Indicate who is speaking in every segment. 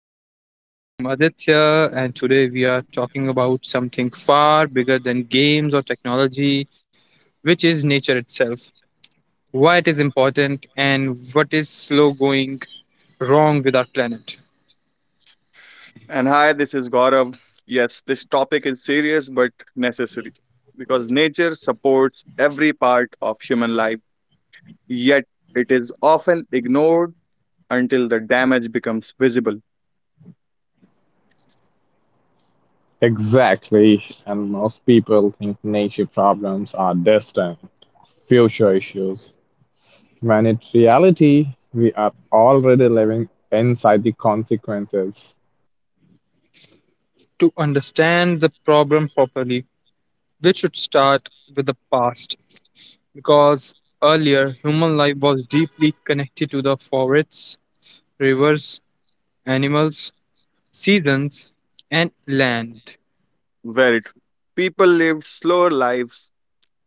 Speaker 1: podcast. I am Aditya, and today we are talking about something far bigger than games or technology, which is nature itself, why it is important, and what is slow going wrong with our planet.
Speaker 2: And hi, this is Gaurav. Yes, this topic is serious but necessary because nature supports every part of human life, yet it is often ignored until the damage becomes visible.
Speaker 3: Exactly. And most people think nature problems are distant, future issues, when in reality, we are already living inside the consequences.
Speaker 1: To understand the problem properly, we should start with the past because earlier human life was deeply connected to the forests, rivers, animals, seasons, and land.
Speaker 2: Very true. People lived slower lives,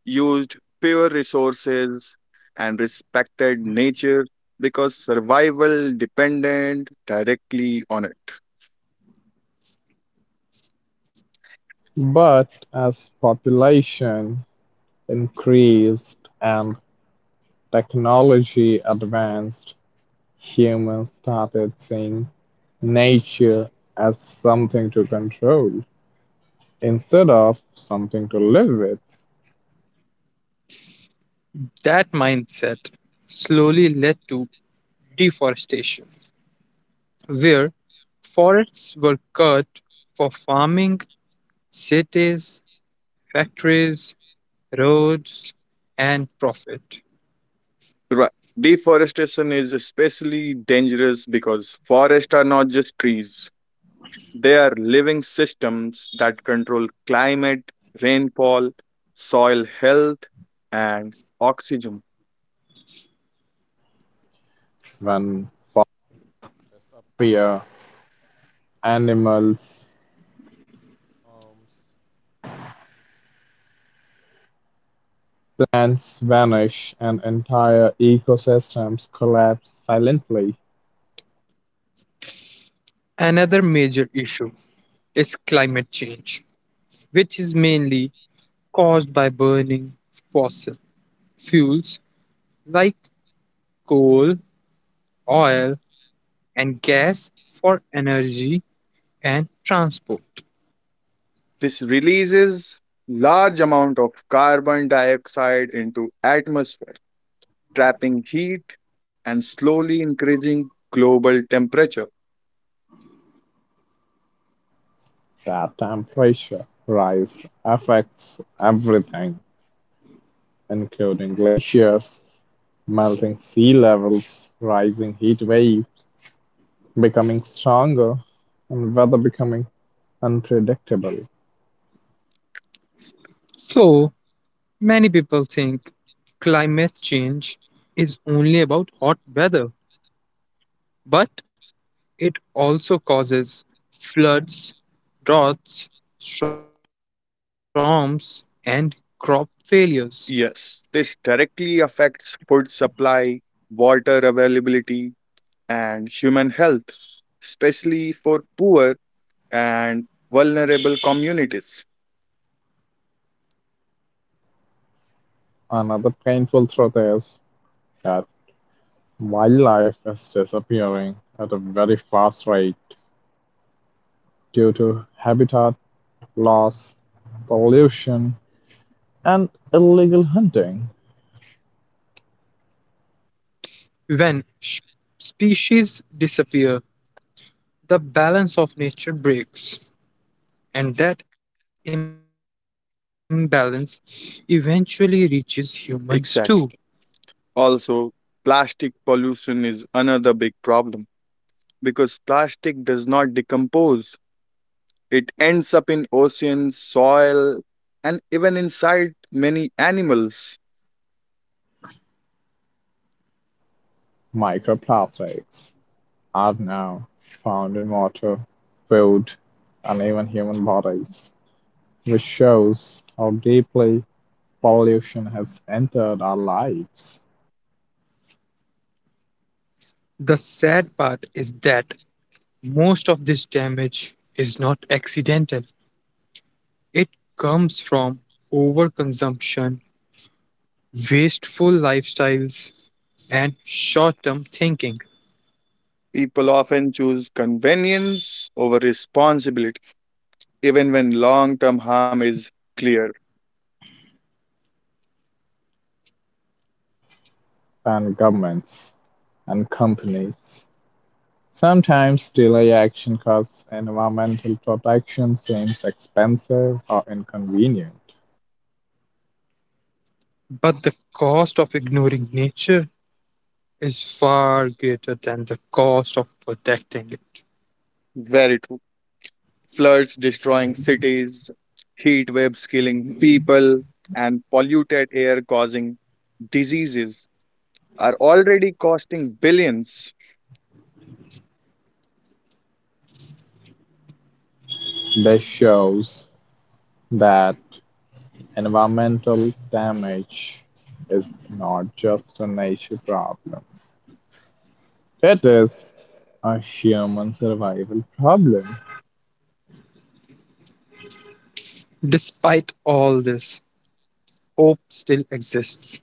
Speaker 2: used fewer resources, and respected nature because survival depended directly on it.
Speaker 3: But as population increased and technology advanced, humans started seeing nature as something to control instead of something to live with.
Speaker 1: That mindset slowly led to deforestation, where forests were cut for farming, cities, factories, roads, and profit.
Speaker 2: Right. Deforestation is especially dangerous because forests are not just trees. They are living systems that control climate, rainfall, soil health, and oxygen.
Speaker 3: When systems collapse silently,
Speaker 1: Another major issue is climate change, which is mainly caused by burning fossil fuels like coal, oil, and gas for energy and transport.
Speaker 2: This releases large amount of carbon dioxide into atmosphere, trapping heat and slowly increasing global temperature.
Speaker 3: that temperature rise affects everything, including glaciers, melting sea levels, rising heat waves becoming stronger, and weather becoming unpredictable.
Speaker 1: So, many people think climate change is only about hot weather, but it also causes floods, droughts, storms, and crop failures.
Speaker 2: Yes, this directly affects food supply, water availability, and human health, especially for poor and vulnerable communities.
Speaker 3: Another painful truth is that wildlife is disappearing at a very fast rate due to habitat loss, pollution, and illegal hunting.
Speaker 1: When species disappear, the balance of nature breaks, and that imbalance eventually reaches humans too.
Speaker 2: Exactly. Also, plastic pollution is another big problem because plastic does not decompose. It ends up in oceans, soil, and even inside many animals.
Speaker 3: Microplastics are now found in water, food, and even human bodies, which shows how deeply pollution has entered our lives.
Speaker 1: The sad part is that most of this damage is not accidental. It comes from overconsumption, wasteful lifestyles, and short term thinking.
Speaker 2: People often choose convenience over responsibility, even when long term harm is clear.
Speaker 3: And governments and companies sometimes delay action because environmental protection seems expensive or inconvenient.
Speaker 1: But the cost of ignoring nature is far greater than the cost of protecting it.
Speaker 2: Very true. Floods destroying cities, heat waves killing people, and polluted air causing diseases are already costing billions.
Speaker 3: This shows that environmental damage is not just a nature problem. It is a human survival problem.
Speaker 1: Despite all this, hope still exists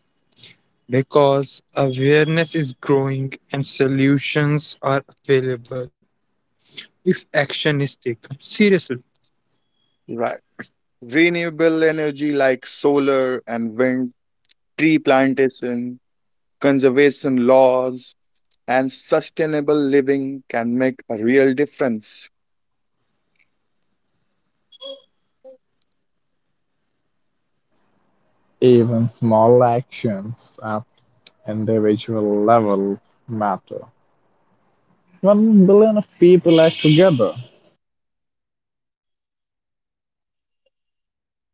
Speaker 1: because awareness is growing and solutions are available if action is taken seriously.
Speaker 2: Right. Renewable energy like solar and wind, tree plantation, conservation laws, and sustainable living can make a real difference.
Speaker 3: Even small actions at individual level matter. 1 billion of people act together.
Speaker 1: Yeah, sure.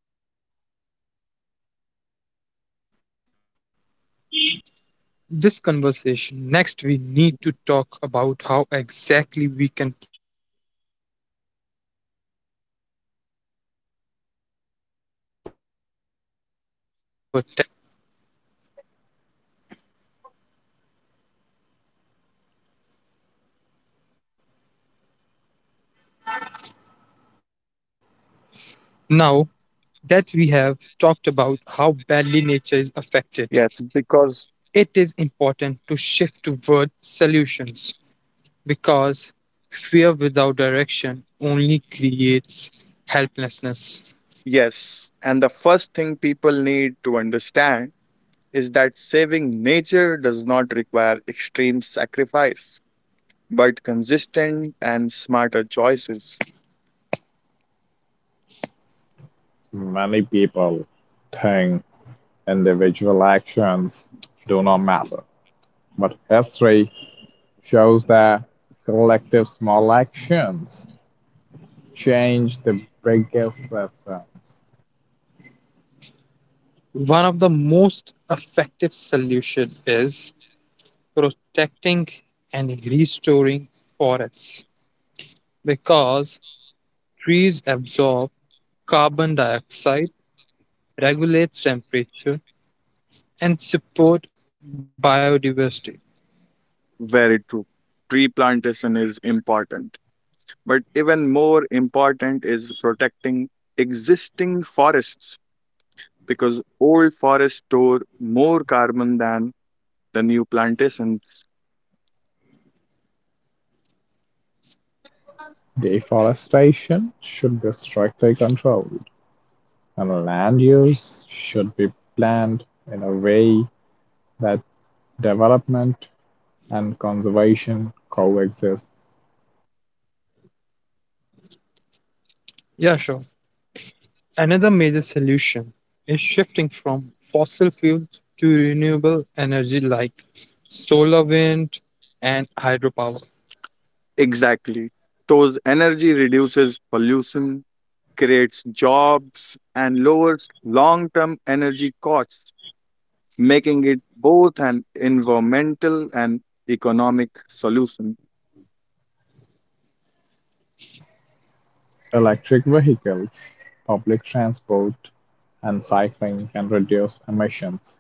Speaker 1: This conversation is just the beginning, because next we need to talk about how exactly we can protect nature and what the future may look like. Now that we have talked about how badly nature is affected, it is
Speaker 2: Yes,
Speaker 1: important to
Speaker 2: because,
Speaker 1: shift toward solutions because fear without direction only creates helplessness.
Speaker 2: yes, and the first thing people need to understand is that saving nature does not require extreme sacrifice, but consistent and smarter choices.
Speaker 3: Many people think individual actions do not matter, but history shows that collective small actions change the biggest systems.
Speaker 1: One of the most effective solutions is protecting and restoring forests because trees absorb carbon dioxide, regulate temperature, and support biodiversity.
Speaker 2: Very true. Tree plantation is important, but even more important is protecting existing forests because old forests store more carbon than the new plantations.
Speaker 3: Deforestation should be strictly controlled, and land use should be planned in a way that development and conservation coexist.
Speaker 1: Yeah, sure. Another major solution is shifting from fossil fuels to renewable energy like solar, wind, and hydropower.
Speaker 2: Exactly. Those energy reduces pollution, creates jobs, and lowers long term energy costs, making it both an environmental and economic solution.
Speaker 3: Electric vehicles, public transport, and cycling can reduce emissions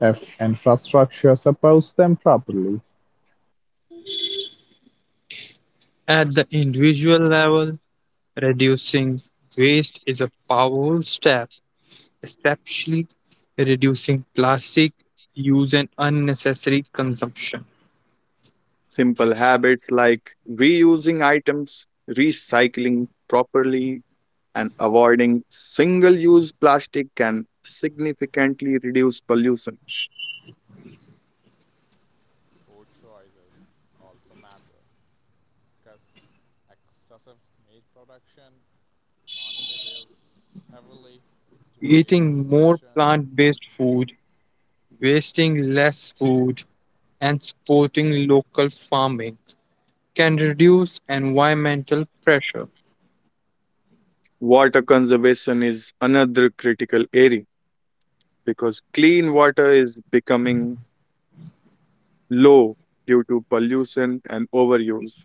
Speaker 3: if infrastructure supports them properly.
Speaker 1: At the individual level, reducing waste is a powerful step, especially reducing plastic use and unnecessary consumption,
Speaker 2: Simple habits like reusing items, recycling properly, and avoiding single use plastic can significantly reduce pollution.
Speaker 1: eating more plant based food, wasting less food, and supporting local farming can reduce environmental pressure.
Speaker 2: Water conservation is another critical area because clean water is becoming low due to pollution and overuse.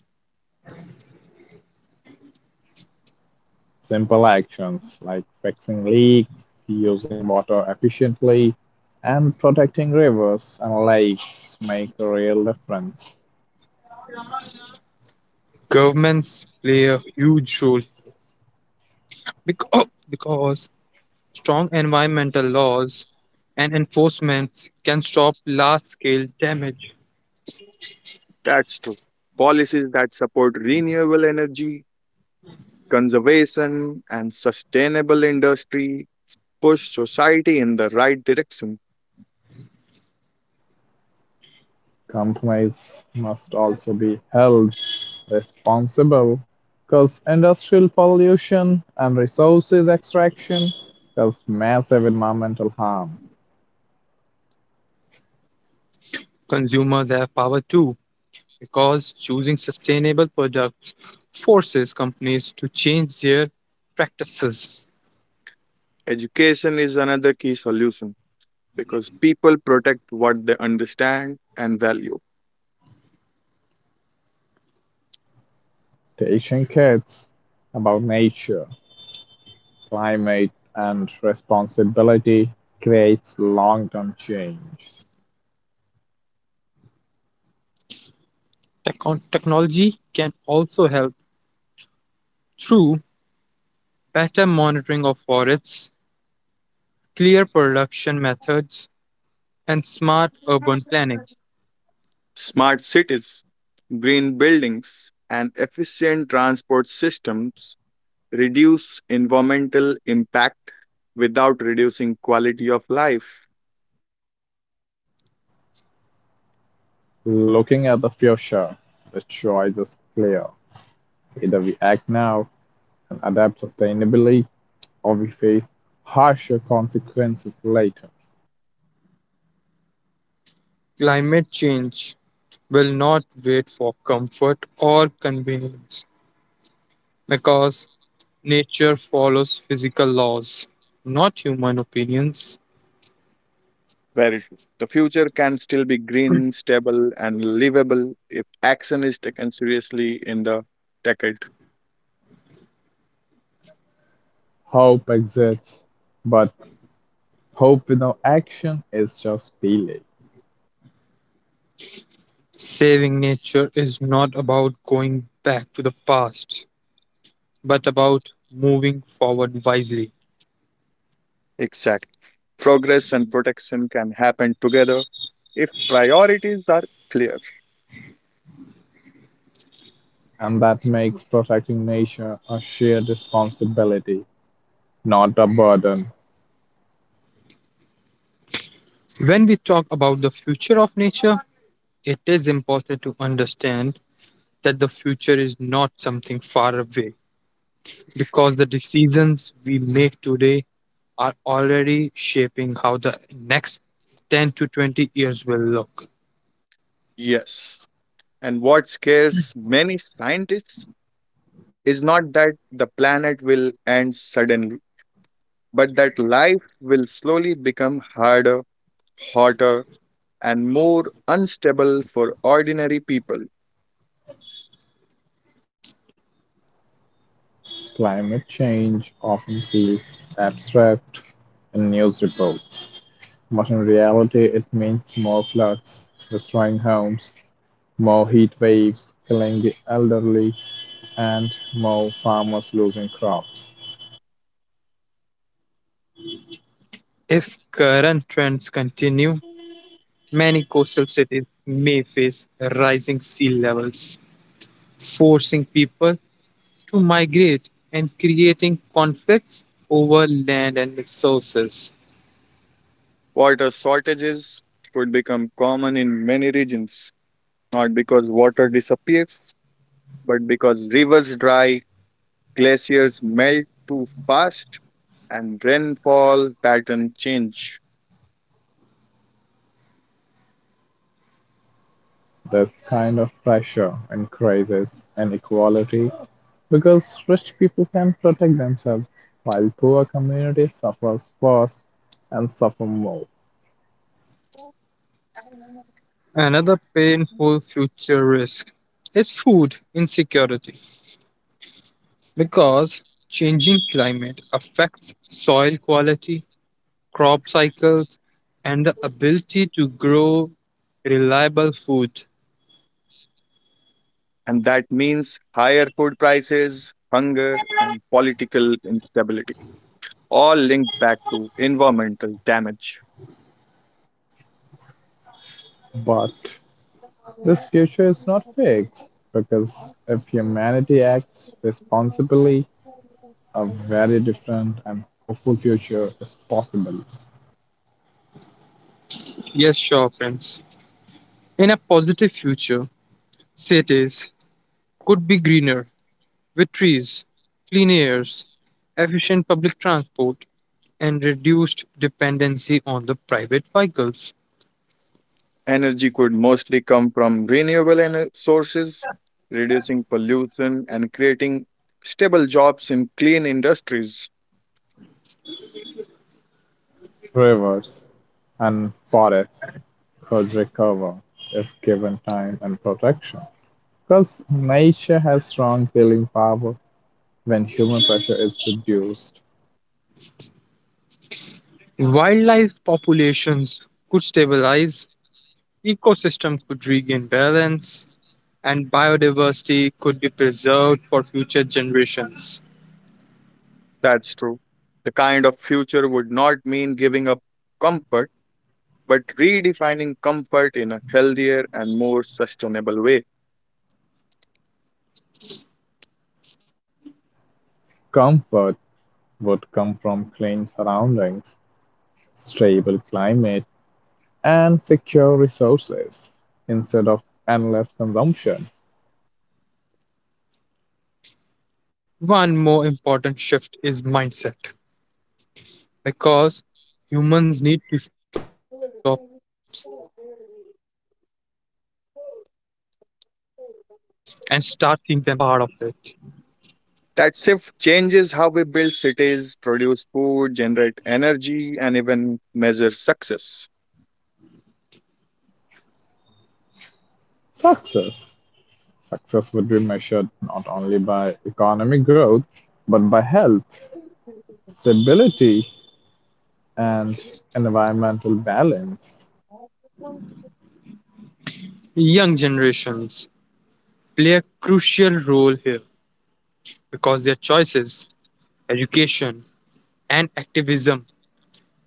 Speaker 3: Simple actions like fixing leaks, using water efficiently, and protecting rivers and lakes make a real difference.
Speaker 1: Governments play a huge role because strong environmental laws and enforcement can stop large scale damage.
Speaker 2: That's true. Policies that support renewable energy, conservation, and sustainable industry push society in the right direction.
Speaker 3: Companies must also be held responsible because industrial pollution and resources extraction cause massive environmental harm.
Speaker 1: Consumers have power too because choosing sustainable products forces companies to change their practices.
Speaker 2: Education is another key solution because people protect what they understand and value.
Speaker 3: Teaching kids about nature, climate, and responsibility creates long term change.
Speaker 1: Tech technology can also help through better monitoring of forests, clear production methods, and smart urban planning.
Speaker 2: Smart cities, green buildings, and efficient transport systems reduce environmental impact without reducing quality of life.
Speaker 3: Looking at the future, the choice is clear. Either we act now and adapt sustainably, or we face harsher consequences later.
Speaker 1: Climate change will not wait for comfort or convenience because nature follows physical laws, not human opinions.
Speaker 2: Very true. The future can still be green, stable, and livable if action is taken seriously in the decade.
Speaker 3: Hope exists, but hope without action is just delay.
Speaker 1: Saving nature is not about going back to the past, but about moving forward wisely.
Speaker 2: Exactly. Progress and protection can happen together if priorities are clear.
Speaker 3: And that makes protecting nature a shared responsibility, not a burden.
Speaker 1: When we talk about the future of nature, it is important to understand that the future is not something far away because the decisions we make today are already shaping how the next 10 to 20 years will look.
Speaker 2: Yes. And what scares many scientists is not that the planet will end suddenly, but that life will slowly become harder, hotter, and more unstable for ordinary people.
Speaker 3: Climate change often feels abstract in news reports, but in reality, it means more floods, destroying homes, more heat waves killing the elderly, and more farmers losing crops.
Speaker 1: If current trends continue, many coastal cities may face rising sea levels forcing people to migrate and creating conflicts over land and resources.
Speaker 2: Water shortages could become common in many regions, not because water disappears, but because rivers dry, glaciers melt too fast, and rainfall pattern change.
Speaker 3: This kind of pressure increases inequality because rich people can protect themselves while poor communities suffer first and suffer more.
Speaker 1: Another painful future risk is food insecurity because changing climate affects soil quality, crop cycles, and the ability to grow reliable food.
Speaker 2: And that means higher food prices, hunger, and political instability, all linked back to environmental damage.
Speaker 3: But this future is not fixed, because if humanity acts responsibly, a very different and hopeful future is possible.
Speaker 1: Yes, sure, friends. In a positive future, cities could be greener, with trees, clean airs, efficient public transport, and reduced dependency on the private vehicles,
Speaker 2: Energy could mostly come from renewable ener- sources, reducing pollution and creating stable jobs in clean industries.
Speaker 3: Rivers and forests could recover if given time and protection, because nature has strong healing power when human pressure is reduced.
Speaker 1: wildlife populations could stabilize, ecosystem could regain balance, and biodiversity could be preserved for future generations.
Speaker 2: That's true. The kind of future would not mean giving up comfort, but redefining comfort in a healthier and more sustainable way.
Speaker 3: Comfort would come from clean surroundings, stable climate, and secure resources instead of endless consumption.
Speaker 1: One more important shift is mindset because humans need to stop seeing themselves as owners of nature and start seeing themselves as a part of it.
Speaker 2: That shift changes how we build cities, produce food, generate energy, and even measure success.
Speaker 3: Success. Success would be measured not only by economic growth but by health, stability, and environmental balance.
Speaker 1: Young generations play a crucial role here because their choices, education, and activism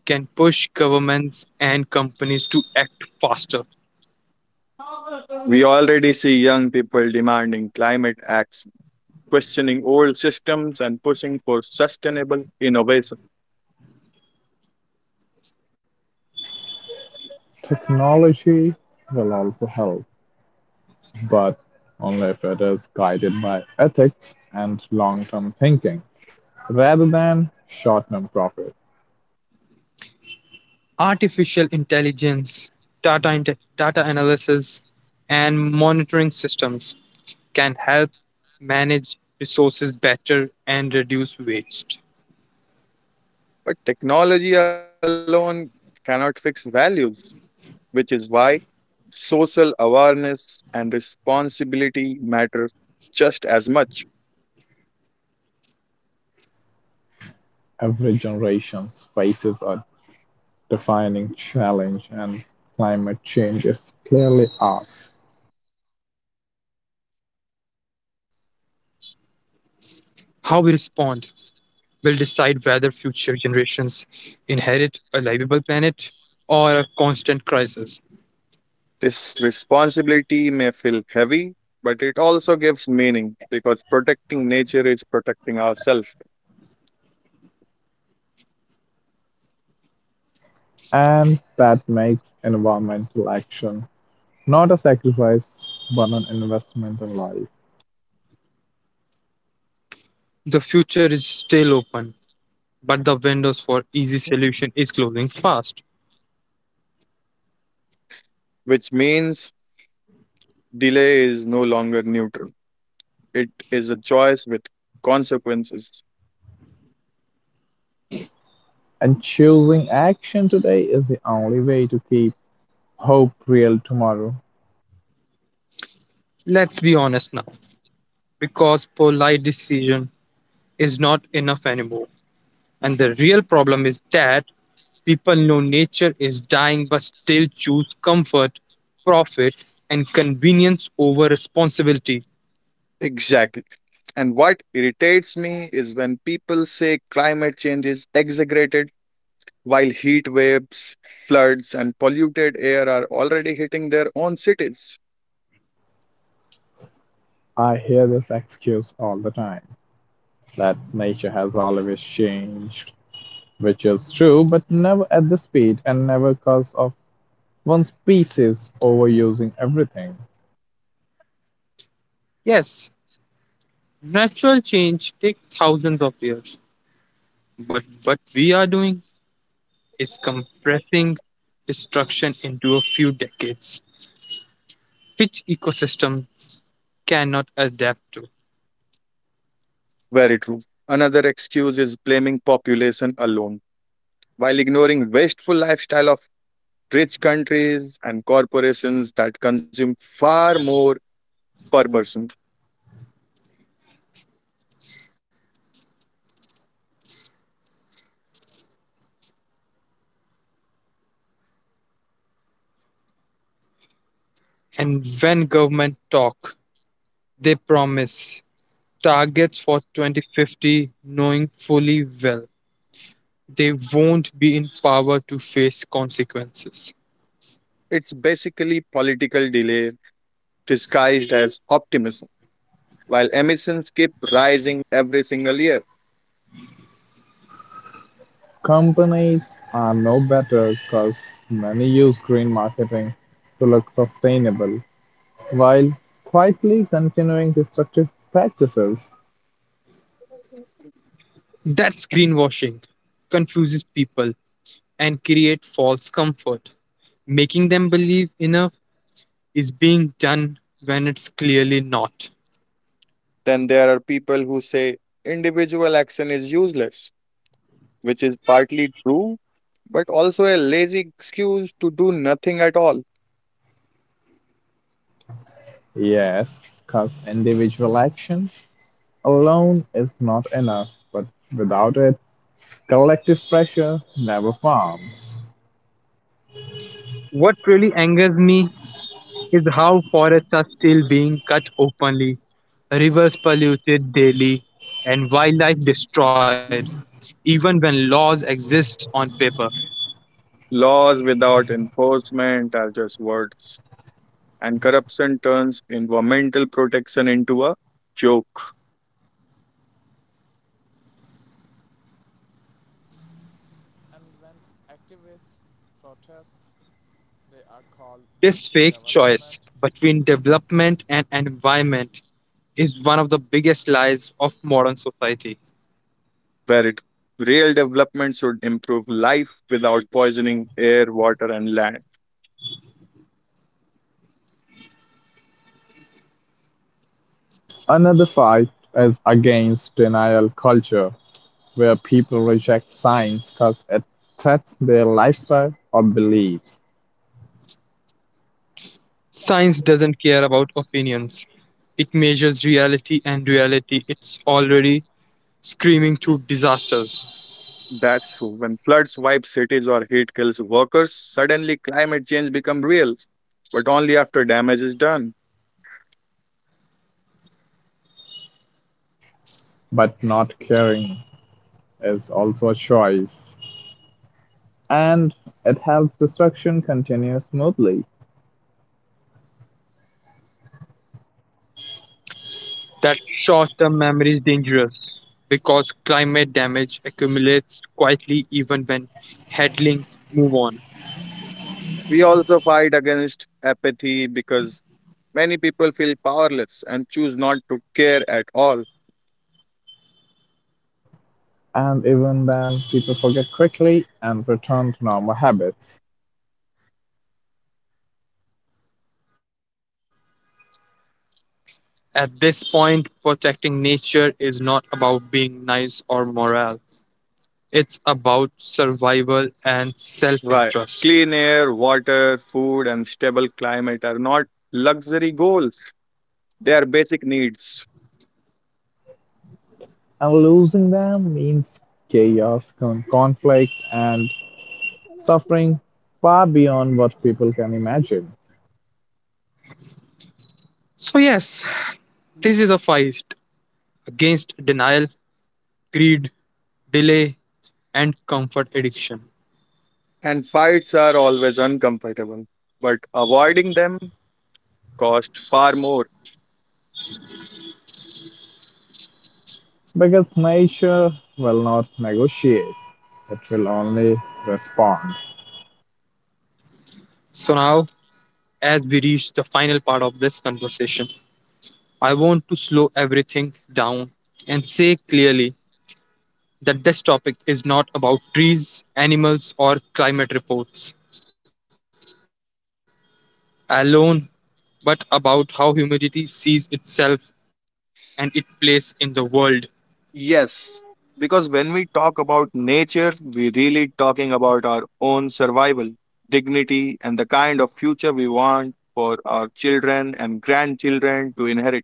Speaker 1: can push governments and companies to act faster.
Speaker 2: We already see young people demanding climate acts, questioning old systems, and pushing for sustainable innovation.
Speaker 3: Technology will also help, but only if it is guided by ethics and long term thinking rather than short term profit.
Speaker 1: Artificial intelligence, data, data analysis, and monitoring systems can help manage resources better and reduce waste.
Speaker 2: But technology alone cannot fix values, which is why social awareness and responsibility matter just as much.
Speaker 3: Every generation faces a defining challenge, and climate change is clearly ours.
Speaker 1: How we respond will decide whether future generations inherit a livable planet or a constant crisis.
Speaker 2: This responsibility may feel heavy, but it also gives meaning because protecting nature is protecting ourselves.
Speaker 3: And that makes environmental action not a sacrifice but an investment in life.
Speaker 1: The future is still open, but the windows for easy solution is closing fast.
Speaker 2: Which means delay is no longer neutral. It is a choice with consequences.
Speaker 3: And choosing action today is the only way to keep hope real tomorrow.
Speaker 1: Let's be honest now, because polite decision is not enough anymore. And the real problem is that people know nature is dying but still choose comfort, profit, and convenience over responsibility.
Speaker 2: Exactly. And what irritates me is when people say climate change is exaggerated while heat waves, floods, and polluted air are already hitting their own cities.
Speaker 3: I hear this excuse all the time, that nature has always changed, which is true, but never at the speed and never because of one species overusing everything.
Speaker 1: Yes, natural change takes thousands of years, but what we are doing is compressing destruction into a few decades, which ecosystem cannot adapt to.
Speaker 2: Very true. Another excuse is blaming population alone while ignoring wasteful lifestyle of rich countries and corporations that consume far more per person.
Speaker 1: And when government talk, they promise targets for 2050 knowing fully well they won't be in power to face consequences.
Speaker 2: It's basically political delay disguised as optimism, while emissions keep rising every single year.
Speaker 3: Companies are no better, because many use green marketing to look sustainable while quietly continuing destructive practices.
Speaker 1: That's greenwashing, confuses people and create false comfort, making them believe enough is being done when it's clearly not.
Speaker 2: Then there are people who say individual action is useless, which is partly true, but also a lazy excuse to do nothing at all.
Speaker 3: Yes, because individual action alone is not enough, but without it, collective pressure never forms.
Speaker 1: What really angers me is how forests are still being cut openly, rivers polluted daily, and wildlife destroyed, even when laws exist on paper.
Speaker 2: Laws without enforcement are just words, and corruption turns environmental protection into a joke.
Speaker 1: This fake choice between development and environment is one of the biggest lies of modern society.
Speaker 2: Where it real development should improve life without poisoning air, water, and land.
Speaker 3: Another fight is against denial culture, where people reject science because it threats their lifestyle or beliefs.
Speaker 1: Science doesn't care about opinions. It measures reality, and reality it's already screaming through disasters.
Speaker 2: That's true. When floods wipe cities or heat kills workers, suddenly climate change become real, but only after damage is done.
Speaker 3: But not caring is also a choice, and it helps destruction continue smoothly.
Speaker 1: That short-term memory is dangerous because climate damage accumulates quietly even when headling move on.
Speaker 2: We also fight against apathy because many people feel powerless and choose not to care at all.
Speaker 3: And even then, people forget quickly and return to normal habits.
Speaker 1: At this point, protecting nature is not about being nice or moral. It's about survival and self-interest.
Speaker 2: Right. Clean air, water, food, and stable climate are not luxury goals. They are basic needs,
Speaker 3: And losing them means chaos, conflict, and suffering far beyond what people can imagine.
Speaker 1: So yes, this is a fight against denial, greed, delay, and comfort addiction.
Speaker 2: and fights are always uncomfortable, but avoiding them costs far more.
Speaker 3: Because nature will not negotiate, it will only respond.
Speaker 1: So now, as we reach the final part of this conversation, I want to slow everything down and say clearly that this topic is not about trees, animals, or climate reports alone, but about how humanity sees itself and its place in the world.
Speaker 2: Yes, because when we talk about nature, we really talking about our own survival, dignity, and the kind of future we want for our children and grandchildren to inherit.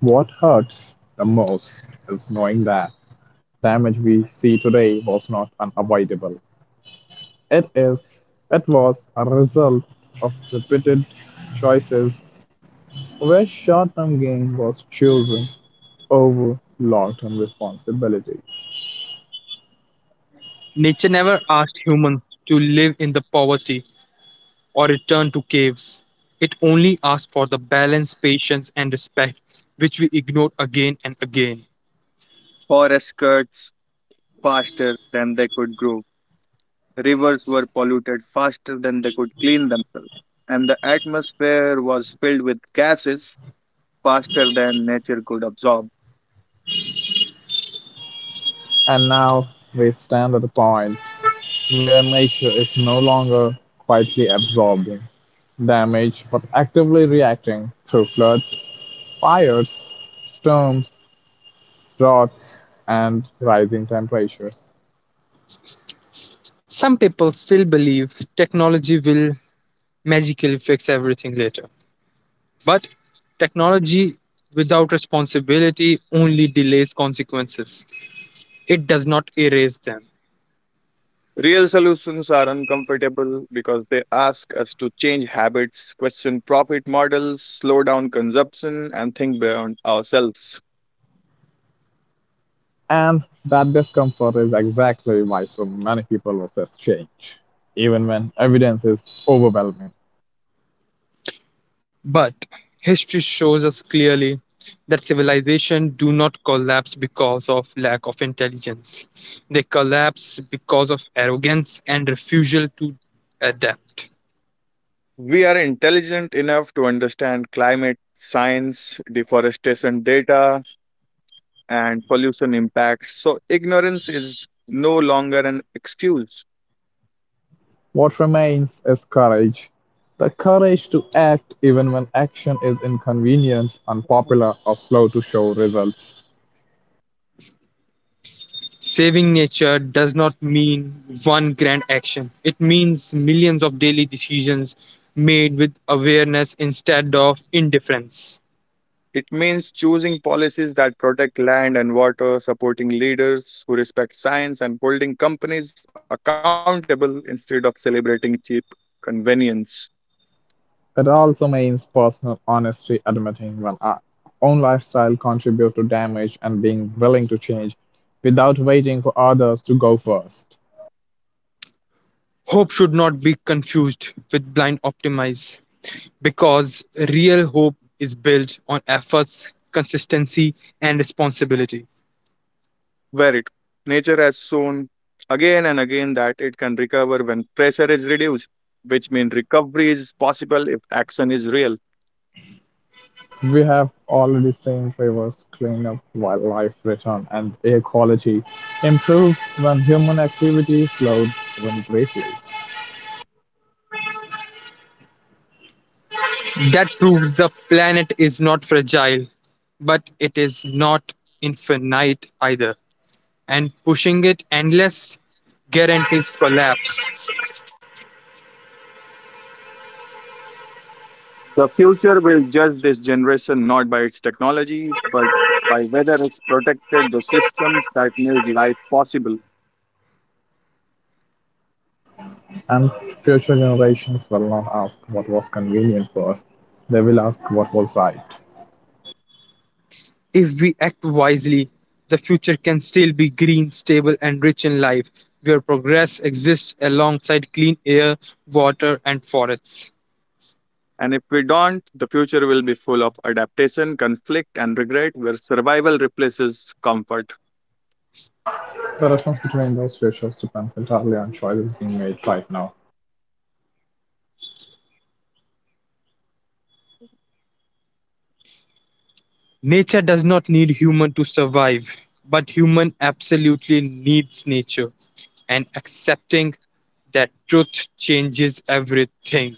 Speaker 3: What hurts the most is knowing that the damage we see today was not unavoidable. It is it was a result of repeated choices where short-term gain was chosen over long-term responsibility.
Speaker 1: Nature never asked humans to live in the poverty or return to caves. It only asked for the balance, patience, and respect, which we ignored again and again.
Speaker 2: Forest cuts faster than they could grow. Rivers were polluted faster than they could clean themselves and the atmosphere was filled with gases faster than nature could absorb.
Speaker 3: And now we stand at a point where nature is no longer quietly absorbing damage but actively reacting through floods, fires, storms, droughts, and rising temperatures.
Speaker 1: Some people still believe technology will magically fix everything later. But technology without responsibility only delays consequences, it does not erase them.
Speaker 2: Real solutions are uncomfortable because they ask us to change habits, question profit models, slow down consumption, and think beyond ourselves.
Speaker 3: And that discomfort is exactly why so many people resist change, even when evidence is overwhelming.
Speaker 1: But history shows us clearly that civilization do not collapse because of lack of intelligence. They collapse because of arrogance and refusal to adapt.
Speaker 2: We are intelligent enough to understand climate science, deforestation data, and pollution impacts, so ignorance is no longer an excuse.
Speaker 3: What remains is courage, the courage to act even when action is inconvenient, unpopular, or slow to show results.
Speaker 1: Saving nature does not mean one grand action. It means millions of daily decisions made with awareness instead of indifference.
Speaker 2: It means choosing policies that protect land and water, supporting leaders who respect science, and holding companies accountable instead of celebrating cheap convenience.
Speaker 3: It also means personal honesty, admitting when our own lifestyle contributes to damage and being willing to change without waiting for others to go first.
Speaker 1: Hope should not be confused with blind optimism, because real hope is built on efforts, consistency, and responsibility.
Speaker 2: Where it nature has shown again and again that it can recover when pressure is reduced, which means recovery is possible if action is real.
Speaker 3: We have already seen rivers clean up, wildlife return, and air quality improve when human activity slowed even briefly.
Speaker 1: That proves the planet is not fragile, but it is not infinite either. And pushing it endless guarantees collapse.
Speaker 2: The future will judge this generation not by its technology, but by whether it's protected the systems that made life possible.
Speaker 3: And future generations will not ask what was convenient for us, they will ask what was right.
Speaker 1: If we act wisely, the future can still be green, stable, and rich in life, where progress exists alongside clean air, water, and forests.
Speaker 2: And if we don't, the future will be full of adaptation, conflict, and regret, where survival replaces comfort.
Speaker 3: The difference between those futures depends entirely on choices being made right now.
Speaker 1: Nature does not need human to survive, but human absolutely needs nature. And accepting that truth changes everything.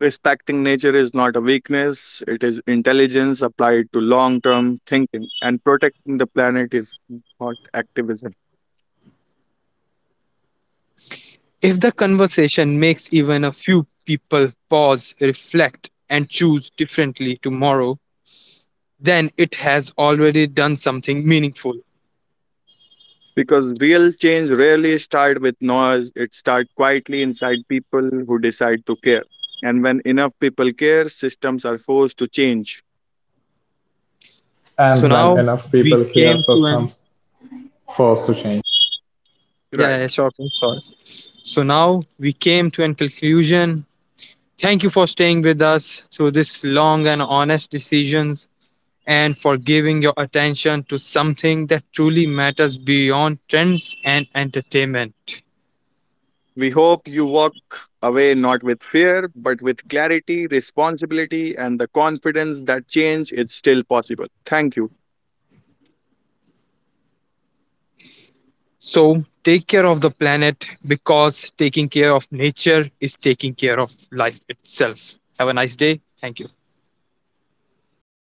Speaker 2: Respecting nature is not a weakness, it is intelligence applied to long term thinking, and protecting the planet is not activism.
Speaker 1: If the conversation makes even a few people pause, reflect, and choose differently tomorrow, then it has already done something meaningful.
Speaker 2: Because real change rarely starts with noise, it starts quietly inside people who decide to care. And when enough people care, systems are forced to change.
Speaker 1: So
Speaker 3: And when
Speaker 1: now
Speaker 3: enough
Speaker 1: we
Speaker 3: people
Speaker 1: came
Speaker 3: hear
Speaker 1: to an
Speaker 3: systems force to change.
Speaker 1: Yeah, yeah
Speaker 2: Right.
Speaker 1: sure, please, sorry. So now we came to an conclusion. Thank you for staying with us through this long and honest decisions and for giving your attention to something that truly matters beyond trends and entertainment.
Speaker 2: We hope you walk away not with fear, but with clarity, responsibility, and the confidence that change is still possible. Thank you.
Speaker 1: So, take care of the planet because taking care of nature is taking care of life itself. Have a nice day. Thank you.